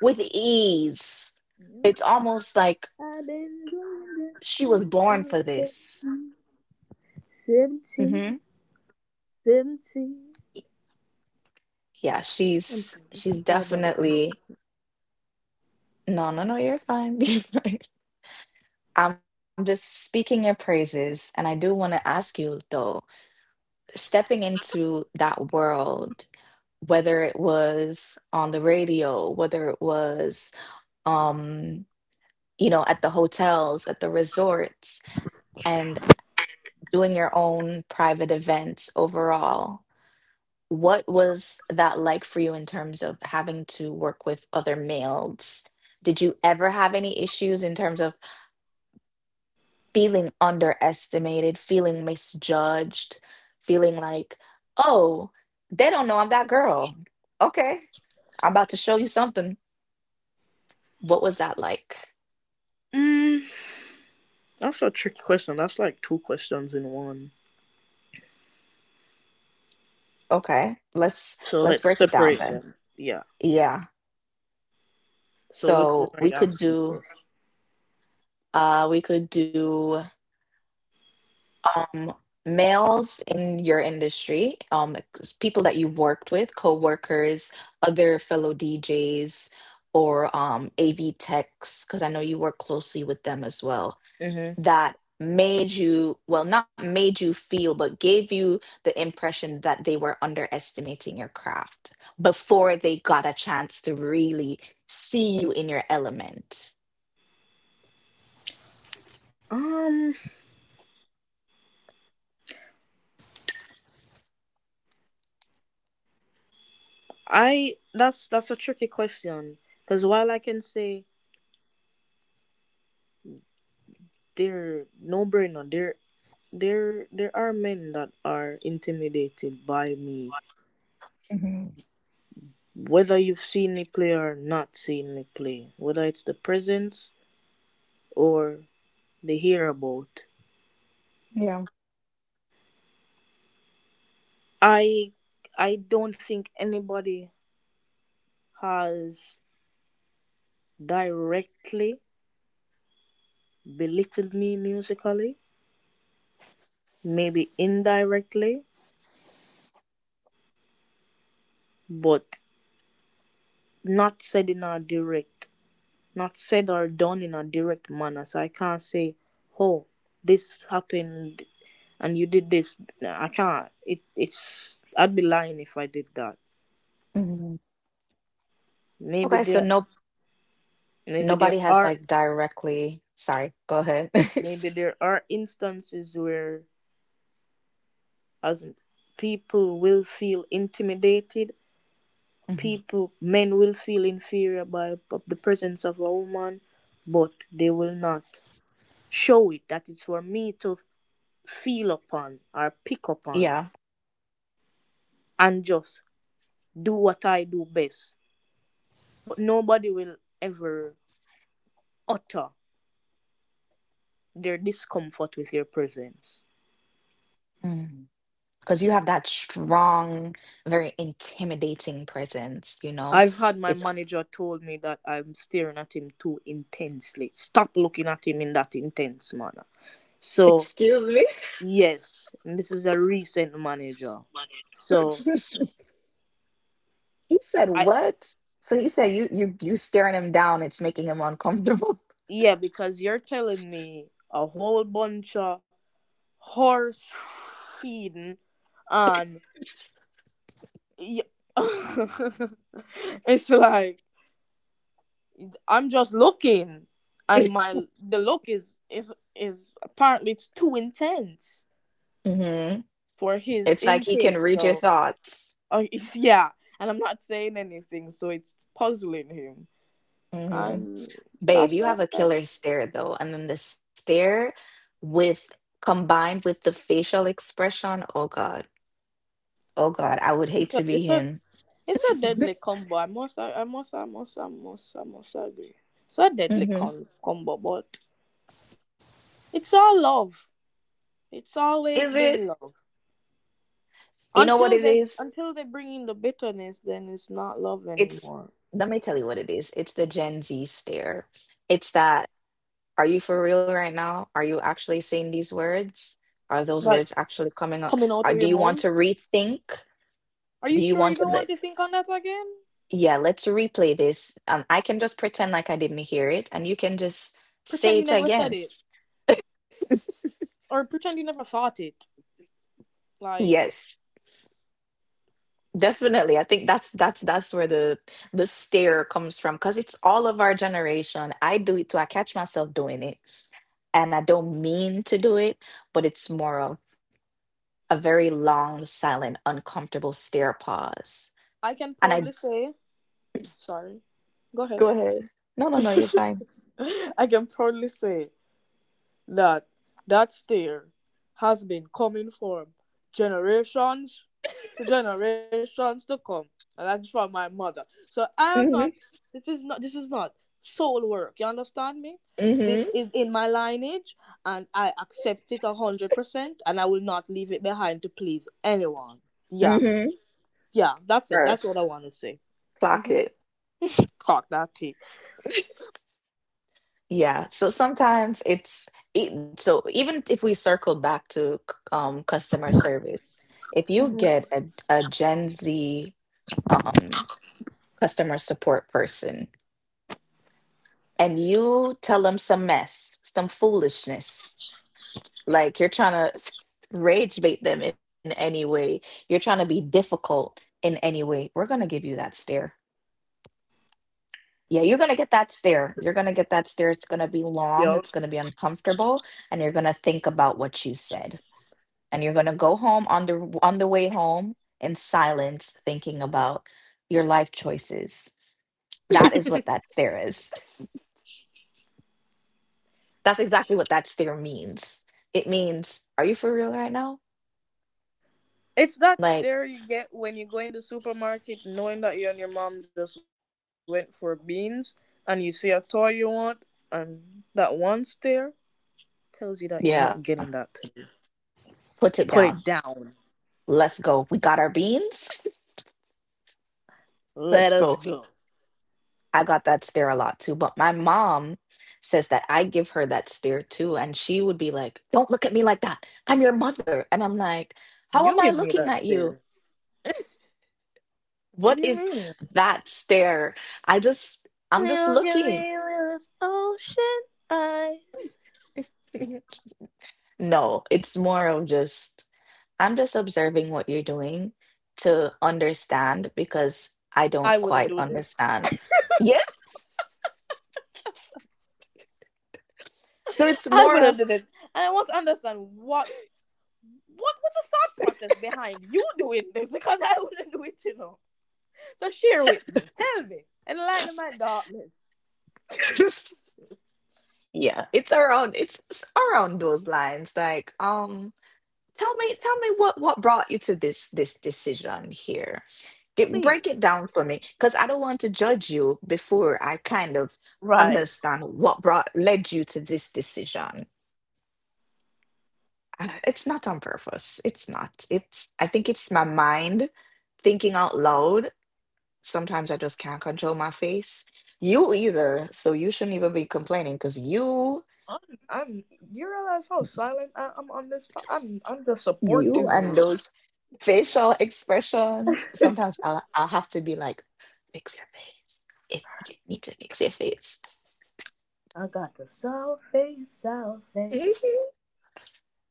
S1: with ease. It's almost like
S2: I've been
S1: she
S2: doing
S1: was
S2: this
S1: born for
S2: since I
S1: this.
S2: was 15,
S1: hmm
S2: 17, 17.
S1: yeah,
S2: I'm
S1: she's
S2: sorry. I'm
S1: she's
S2: so sorry about the concept.
S1: definitely. No, no, no, you're fine. I'm just speaking your praises. And I do want to ask you, though, stepping into that world, whether it was on the radio, whether it was, um, you know, at the hotels, at the resorts, and doing your own private events overall, what was that like for you in terms of having to work with other males? Did you ever have any issues in terms of feeling underestimated, feeling misjudged, feeling like, oh, they don't know I'm that girl. Okay, I'm about to show you something. What was that like?
S2: Mm, that's a tricky question. That's like two questions in one.
S1: Okay, let's
S2: So
S1: let's
S2: let's
S1: break it down
S2: separate
S1: then.
S2: them. Yeah.
S1: Yeah.
S2: So which one
S1: So
S2: are you asking first?
S1: we could do um, males in your industry, people that you've worked with, coworkers, other fellow DJs, or AV techs, because I know you work closely with them as well,
S2: Mm-hmm.
S1: that made you, well, not made you feel, but gave you the impression that they were underestimating your craft before they got a chance to really see you in your element.
S2: Um, I that's a tricky question because while I can say they're no brainer, there there are men that are intimidated by me,
S1: hmm
S2: whether you've seen me play or not seen me play, whether it's the presence or the hear about.
S1: Yeah.
S2: I I don't think anybody has directly belittled me musically, maybe indirectly, but not said in a direct, not said or done in a direct manner. So I can't say, oh, this happened and you did this. No, I can't. It's I'd be lying if I did that.
S1: hmm
S2: Maybe
S1: Okay, so
S2: there,
S1: no.
S2: maybe there
S1: Nobody has
S2: are,
S1: like directly. Sorry, go ahead.
S2: Maybe there are instances where as people will feel intimidated.
S1: Mhm.
S2: People, men will feel inferior by of the presence of a woman, but they will not show it. That is for me to feel upon or pick upon
S1: Yeah.
S2: and just do what I do best. But nobody will ever utter their discomfort with your presence.
S1: Mhm. Because you have that strong, very intimidating presence, you know?
S2: I've had my
S1: It's...
S2: manager told me that I'm staring at him too intensely. Stop looking at him in that intense manner. So
S1: Excuse me?
S2: yes, and this is a recent manager. So
S1: He said
S2: I
S1: what? So he said you you staring him down, it's making him uncomfortable.
S2: yeah, because you're telling me a whole bunch of horse feeding and. Y- it's like I'm just looking, and my the look is is apparently it's too intense
S1: hmm
S2: for his
S1: It's like he can
S2: intake.
S1: read your
S2: So
S1: thoughts.
S2: uh, yeah, and I'm not saying anything, so it's puzzling him,
S1: Mm-hmm.
S2: and
S1: Babe,
S2: that's
S1: you have a
S2: alright.
S1: killer stare though. And then the stare with combined with the facial expression. Oh God. Oh God. I would hate
S2: It's a
S1: to be
S2: it's a
S1: him.
S2: it's a deadly combo. I must agree. It's a deadly
S1: Mhm.
S2: combo, but it's all love. It's always
S1: Is it?
S2: been love.
S1: You know what it is?
S2: Until they bring in the bitterness, then it's not love
S1: It's,
S2: anymore.
S1: Let me tell you what it is. It's the Gen Z stare. It's that, are you for real right now? Are you actually saying these words? Are those words
S2: Like
S1: actually coming up?
S2: coming
S1: Are,
S2: out of
S1: do
S2: your
S1: you want
S2: mouth.
S1: to rethink?
S2: Are
S1: Do
S2: you
S1: you
S2: sure
S1: want
S2: you
S1: to?
S2: don't want
S1: Like,
S2: to think on that again?
S1: yeah, let's replay this. I can just pretend like I didn't hear it, and you can just
S2: Pretend
S1: say
S2: you
S1: it
S2: never said
S1: again.
S2: it, or pretend you never thought it. Like
S1: Yes, definitely. I think that's where the stare comes from, because it's all of our generation. I do it too. I catch myself doing it, and I don't mean to do it, but it's more of a very long, silent, uncomfortable stare pause.
S2: I can
S1: And
S2: proudly
S1: I...
S2: say, sorry. Go ahead.
S1: go ahead. No, no, no, you're fine.
S2: I can proudly say that that stare has been coming from generations to generations to come. And that's from my mother. So I am not
S1: Mm-hmm.
S2: this is not soul work. You understand me? This
S1: Mm-hmm.
S2: is in my lineage and I accept it 100% and I will not leave it behind to please anyone. Yeah.
S1: Mm-hmm.
S2: Yeah, that's it.
S1: Sure.
S2: That's what I wanna say.
S1: Clock
S2: Mm-hmm.
S1: it.
S2: Cock that tea.
S1: Yeah, so sometimes it's so even if we circled back to customer service, if you
S2: Mhm.
S1: get a Gen Z um customer support person and you tell them some mess, some foolishness, like you're trying to rage bait them in any way, you're trying to be difficult in any way, we're gonna give you that stare. Yeah, you're gonna get that stare. You're gonna get that stare. It's gonna be long, it's gonna be uncomfortable, and you're gonna think about what you said. And you're going to go home on the way home in silence thinking about your life choices. That is what that stare is. That's exactly what that stare means. It means, are you for real right now?
S2: It's that
S1: Like,
S2: stare you get when you go in the supermarket knowing that you and your mom just went for beans and you see a toy you want and that one stare tells you that you're not getting
S1: yeah,
S2: that today.
S1: put it
S2: Put
S1: down.
S2: it down.
S1: Let's go, we got our beans. Let's
S2: Let us
S1: go.
S2: go.
S1: I got that stare a lot too, but my mom says that I give her that stare too, and she would be like, don't look at me like that, I'm your mother. And I'm like, how am
S2: You
S1: I
S2: give me
S1: looking at
S2: that
S1: you?
S2: stare. What
S1: What
S2: do you
S1: is
S2: mean?
S1: that stare? I just, I'm just
S2: You give
S1: looking.
S2: me this ocean I
S1: No, it's more of just, I'm just observing what you're doing to understand, because I
S2: I
S1: don't
S2: wouldn't
S1: quite
S2: do this.
S1: understand. Yes. So it's
S2: I
S1: more of
S2: wouldn't do this. And I want to understand what what's the thought process behind you doing this because I wouldn't do it. So share with me. Tell me. Enlighten my darkness.
S1: just, yeah, it's around, it's around those lines. Like, tell me, tell me what brought you to this decision here. Get, break
S2: Please.
S1: it down for me, because I don't want to judge you before I kind of
S2: Right.
S1: understand what brought led you to this decision. It's not on purpose. It's not. It's... I think it's my mind thinking out loud. Sometimes I just can't control my face. You either, so you shouldn't even be complaining because you,
S2: I'm, I'm you realize how silent I'm on I'm just
S1: you
S2: supporting you.
S1: and those facial expressions. Sometimes I'll have to be like, fix your face. If you need to fix your face.
S2: I got the sour face, sour face.
S1: Mhm.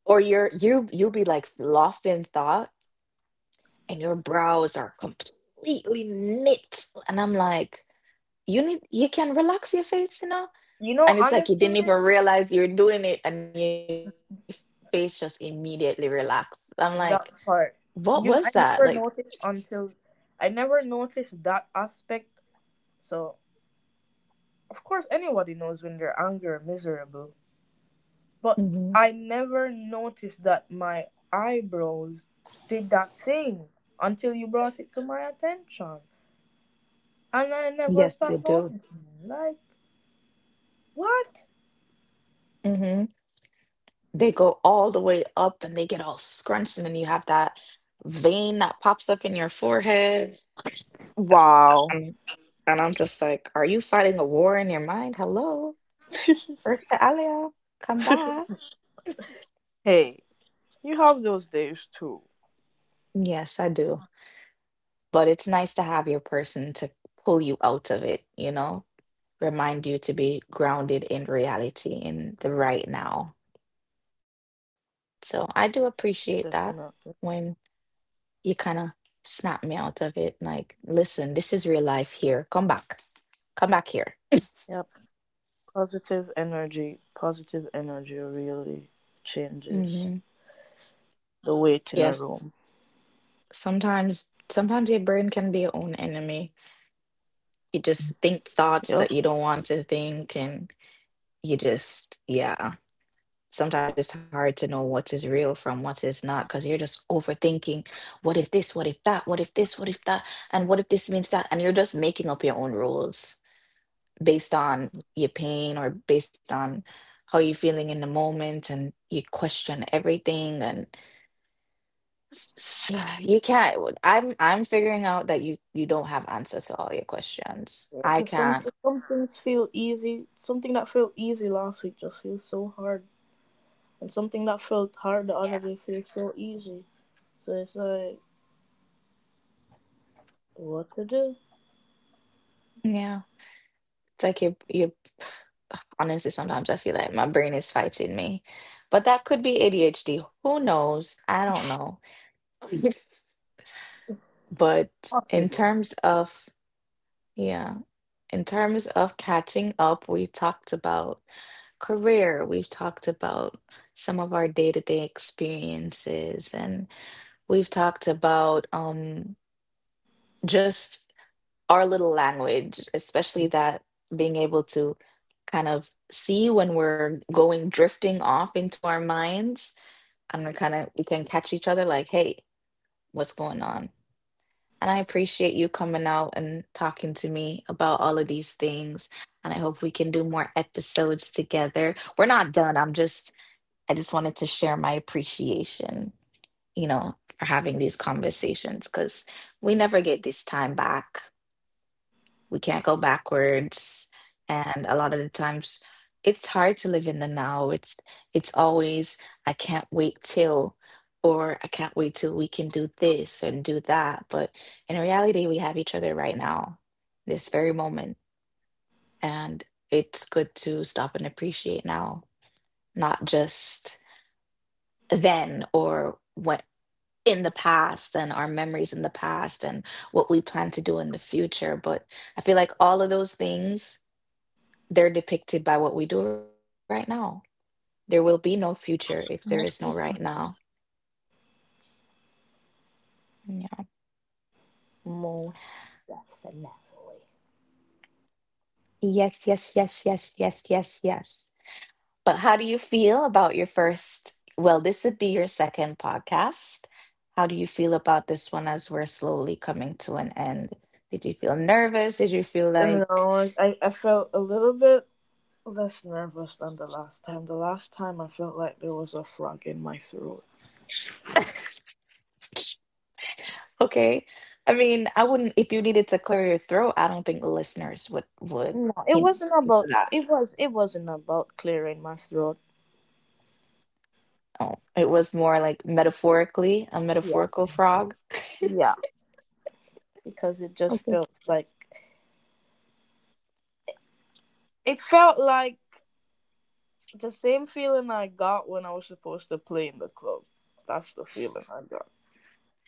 S1: Or you you'll be like lost in thought and your brows are completely knit. And I'm like, you need... you can relax your face, you know?
S2: You
S1: And
S2: know,
S1: it's like you
S2: honestly,
S1: didn't even realize you're doing it and your face just immediately relaxed. I'm like, what
S2: that
S1: was
S2: part.
S1: that? Like,
S2: You know, I never noticed that aspect. So of course anybody knows when they're angry or miserable. But
S1: mhm.
S2: I never noticed that my eyebrows did that thing until you brought it to my attention. And I never
S1: Yes, they
S2: stopped
S1: do.
S2: noticing. Like, what?
S1: They go all the way up and they get all scrunched, and then you have that vein that pops up in your forehead
S2: Wow.
S1: and, and I'm just like, are you fighting a war in your mind? Hello, earth to Alia, come back.
S2: Hey, you have those days too.
S1: Yes, I do, but it's nice to have your person to pull you out of it, you know, remind you to be grounded in reality, in the right now. So I do appreciate that,
S2: Definitely.
S1: when you kind of snap me out of it. Like, listen, this is real life here. Come back. Come back here.
S2: Yep. Positive energy really changes
S1: hmm
S2: the weight in a
S1: Yes,
S2: room.
S1: sometimes sometimes your brain can be your own enemy. You just think thoughts
S2: Yep.
S1: that you don't want to think and you just yeah. Sometimes it's hard to know what is real from what is not because you're just overthinking. What if this? What if that? What if this? What if that? And what if this means that? And you're just making up your own rules, based on your pain or based on how you're feeling in the moment, and you question everything, and you can't... I'm figuring out that you don't have answer to all your questions. I
S2: Because
S1: can't.
S2: some things feel easy. Something that felt easy last week just feels so hard and something that felt hard the other day feels so easy. So it's like, what to do?
S1: Yeah, it's like you... honestly, sometimes I feel like my brain is fighting me, but that could be ADHD, who knows, I don't know. But in
S2: Possibly.
S1: terms of... Yeah. In terms of catching up, we talked about career, we've talked about some of our day-to-day experiences, and we've talked about just our little language, especially that being able to kind of see when we're going drifting off into our minds. I'm gonna kind of... we can catch each other like, hey, what's going on? And I appreciate you coming out and talking to me about all of these things. And I hope we can do more episodes together. We're not done. I'm just, I just wanted to share my appreciation, you know, for having these conversations, because we never get this time back. We can't go backwards. And a lot of the times, it's hard to live in the now. It's... it's always, I can't wait till, or I can't wait till we can do this and do that, but in reality we have each other right now, this very moment. And it's good to stop and appreciate now, not just then or what in the past and our memories in the past and what we plan to do in the future. But I feel like all of those things, they're depicted by what we do right now. There will be no future if there is no right
S2: Most
S1: now. Yeah.
S2: Most. Definitely.
S1: Yes, yes, yes, yes, yes, yes, yes. But how do you feel about your first? Well, this would be your second podcast. How do you feel about this one as we're slowly coming to an end? Did you feel nervous? Did you feel
S2: You
S1: like,
S2: know, I felt a little bit less nervous than the last time. The last time I felt like there was a frog in my throat.
S1: okay? I mean, I wouldn't, if you needed to clear your throat, I don't think the listeners would
S2: No,
S1: penalize, you know, for that.
S2: it wasn't about clearing my throat.
S1: Oh, it was more like metaphorically, a
S2: Yeah.
S1: metaphorical frog.
S2: Yeah. Because it just
S1: Okay.
S2: felt like it felt like the same feeling I got when I was supposed to play in the club. That's the feeling I got.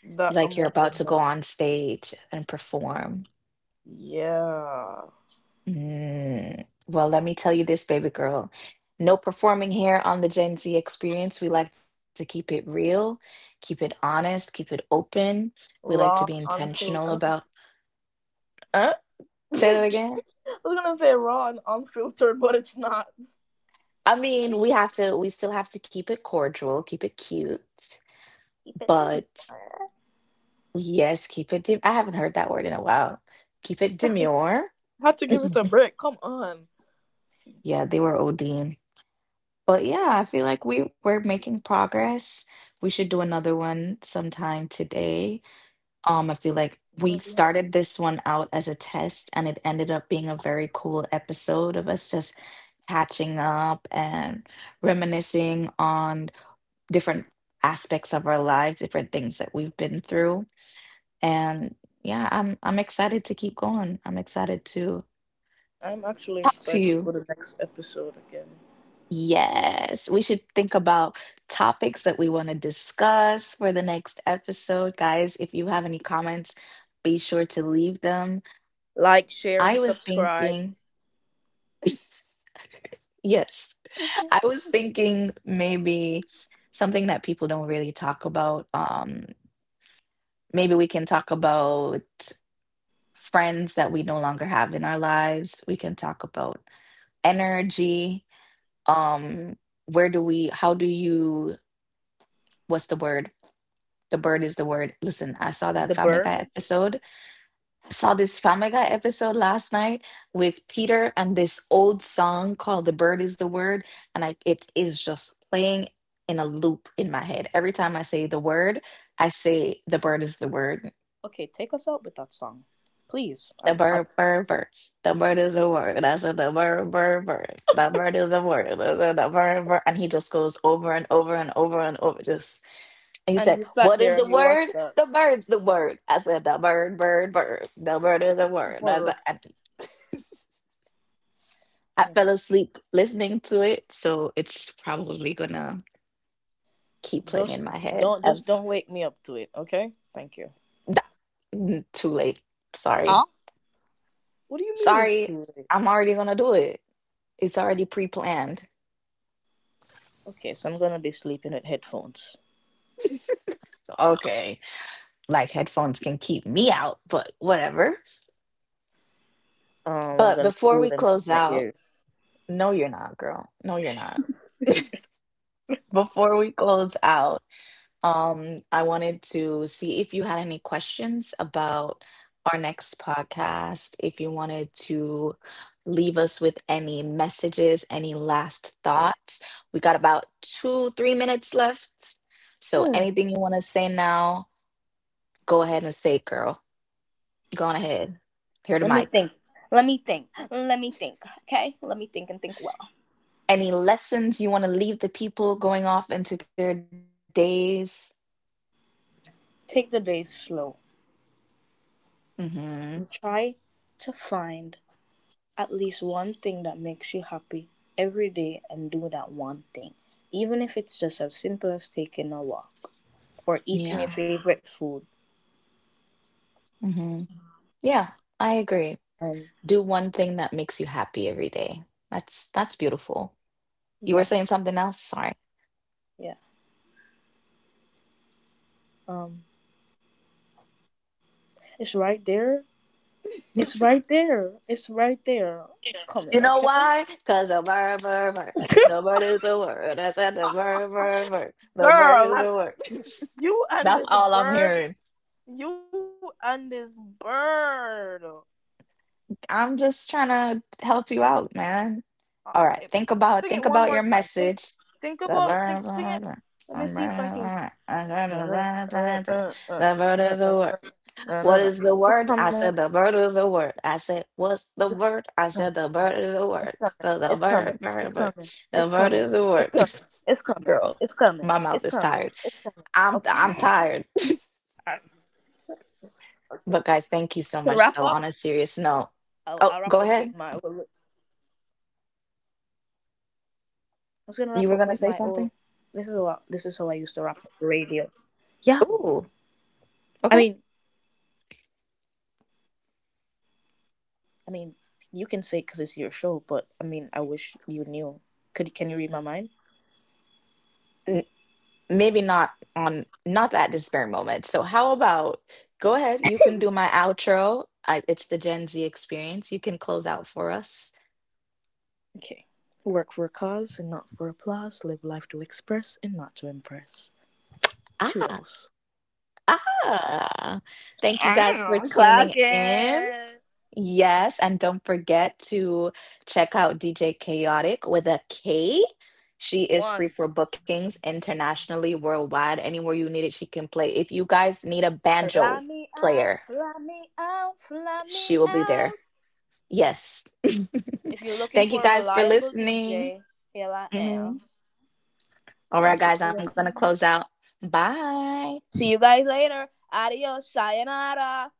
S2: That
S1: Like you're about
S2: emotion.
S1: to
S2: Like,
S1: go on stage and perform.
S2: yeah.
S1: Mm. Well, let me tell you this, baby girl. No performing here on the Gen Z experience. We like to keep it real, keep it honest, keep it open. We like to be
S2: Raw,
S1: intentional
S2: unfiltered. I
S1: about,
S2: don't-
S1: uh, say that
S2: I
S1: again.
S2: was gonna say raw and unfiltered, but it's not.
S1: I
S2: I
S1: mean,
S2: mean,
S1: we have to, we still have to keep it cordial, keep it cute,
S2: keep it to me.
S1: but... Yes, keep it. De- I haven't heard that word in a while. Keep it demure.
S2: Had to give it a break. Come on.
S1: Yeah, they were ODing. But yeah, I feel like we're making progress. We should do another one sometime today. I feel like we
S2: I'd be happy.
S1: started
S2: To-
S1: this one out as a test and it ended up being a very cool episode of us just catching up and reminiscing on different aspects of our lives, different things that we've been through. And yeah, I'm excited to keep going. I'm excited to
S2: I'm actually
S1: talk to
S2: excited for
S1: you.
S2: the next episode again.
S1: Yes, we should think about topics that we want to discuss for the next episode. Guys, if you have any comments, be sure to leave them. I was
S2: Like, share, and
S1: thinking,
S2: subscribe.
S1: yes, I was thinking maybe something that people don't really talk about. Maybe we can talk about friends that we no longer have in our lives. We can talk about energy. Um where do we how do you What's the word? The bird is the word. Listen,
S2: The bird.
S1: I saw this Family Guy episode last night with Peter and this old song called the bird is the word. And I it is just playing in a loop in my head. Every time I say the word, I say the bird is the word.
S2: Okay, take us out with that song, please.
S1: The
S2: I'd...
S1: bird, bird, bird. The bird is a word. I said the bird, bird, bird. The bird is a word. I said the bird, bird. And he just goes over and over and over and over. Just and he
S2: And
S1: said,
S2: you sat
S1: "What is
S2: there
S1: the
S2: and you
S1: word?
S2: watched that
S1: The bird's the word." I said the bird, bird, bird. The bird is a word. I said,
S2: horror.
S1: and I
S2: Okay.
S1: fell asleep listening to it, so it's probably gonna keep playing in my
S2: Just
S1: head as.
S2: just don't wake me up to it, okay? Thank you.
S1: Nah, too late. Sorry.
S2: Huh? What do you mean it's
S1: Sorry,
S2: too late?
S1: I'm already gonna do it. It's already pre-planned.
S2: Okay, so I'm gonna be sleeping with headphones.
S1: Okay. Like headphones can keep me out, but whatever.
S2: I'm
S1: But
S2: gonna
S1: before
S2: glue
S1: we
S2: them to
S1: close
S2: my
S1: out,
S2: ears.
S1: No, you're not, girl. No, you're not. Before we close out, I wanted to see if you had any questions about our next podcast, if you wanted to leave us with any messages, any last thoughts. We got about 2, 3 minutes left. So
S2: Hmm.
S1: anything you want to say now, go ahead and say, girl. Go on ahead. Here to
S2: Let me
S1: Mike.
S2: think. Let me think. Let me think. Okay, let me think and think well.
S1: Any lessons you want to leave the people going off into their days?
S2: Take the days slow
S1: Mm-hmm.
S2: and try to find at least one thing that makes you happy every day, and do that one thing, even if it's just as simple as taking a walk or eating your
S1: Yeah.
S2: favorite food.
S1: Mm-hmm. Yeah, I agree.
S2: And
S1: Do one thing that makes you happy every day. That's beautiful. You were
S2: yeah,
S1: saying something else? Sorry.
S2: yeah. Um, it's right there. It's right there. It's right there. It's coming,
S1: You know
S2: okay?
S1: why? Because the bird, bird, bird. The bird is the word. I said the bird, bird, bird. The bird is
S2: Girl,
S1: the
S2: like,
S1: word.
S2: you
S1: That's
S2: and
S1: all
S2: this
S1: I'm hearing.
S2: bird. You and this bird.
S1: I'm just trying to help you out, man. All right, think about
S2: It,
S1: think about your
S2: sing it one more
S1: message.
S2: time.
S1: The
S2: Think about,
S1: word
S2: think, sing it. Let me see if I can.
S1: is the word. What is the word? I said the word
S2: It's
S1: is the
S2: coming.
S1: word. I
S2: It's
S1: said
S2: coming.
S1: what's
S2: It's
S1: the
S2: coming.
S1: word? I
S2: It's
S1: said
S2: coming.
S1: the word
S2: It's
S1: is the
S2: coming.
S1: word.
S2: It's
S1: 'Cause the
S2: coming.
S1: word,
S2: It's coming.
S1: word, word.
S2: It's
S1: The
S2: coming.
S1: word is the
S2: It's
S1: word.
S2: coming. It's coming.
S1: Girl,
S2: It's coming.
S1: my mouth is tired.
S2: Okay.
S1: I'm
S2: I,
S1: I'm tired.
S2: okay. To wrap
S1: But
S2: up,
S1: guys, thank you so much though. On a
S2: I'll
S1: serious
S2: wrap up
S1: note.
S2: with my. I
S1: Oh, go ahead.
S2: was gonna wrap up with
S1: You were
S2: my.
S1: gonna say
S2: Old.
S1: something?
S2: This is how I used to wrap up the radio. Yeah,
S1: Ooh,
S2: I
S1: okay.
S2: mean, I mean, you can say because it's your show, but I mean, I wish you knew. Could can you read my mind?
S1: n- Maybe not at this very moment. So how about go ahead, you can do my outro. It's the Gen Z experience. You can close out for us.
S2: Okay. Work for a cause and not for applause. Live life to express and not to impress.
S1: Ah,
S2: Toodles.
S1: ah. Thank you guys for
S2: Mm, clock
S1: tuning in.
S2: it.
S1: Yes, and don't forget to check out DJ Chaotic with a K. She is free
S2: One.
S1: for bookings internationally, worldwide, anywhere you need it, she can play. If you guys need a banjo
S2: Fly me
S1: player,
S2: out, fly me out, fly me
S1: she will be there.
S2: out.
S1: Yes.
S2: If you're looking
S1: Thank
S2: for
S1: you
S2: a
S1: guys for
S2: reliable DJ,
S1: listening.
S2: here I am.
S1: Mhm. All
S2: Thank
S1: right,
S2: you
S1: guys,
S2: for
S1: I'm going to close
S2: listening.
S1: out. Bye.
S2: See you guys later. Adios. Sayonara.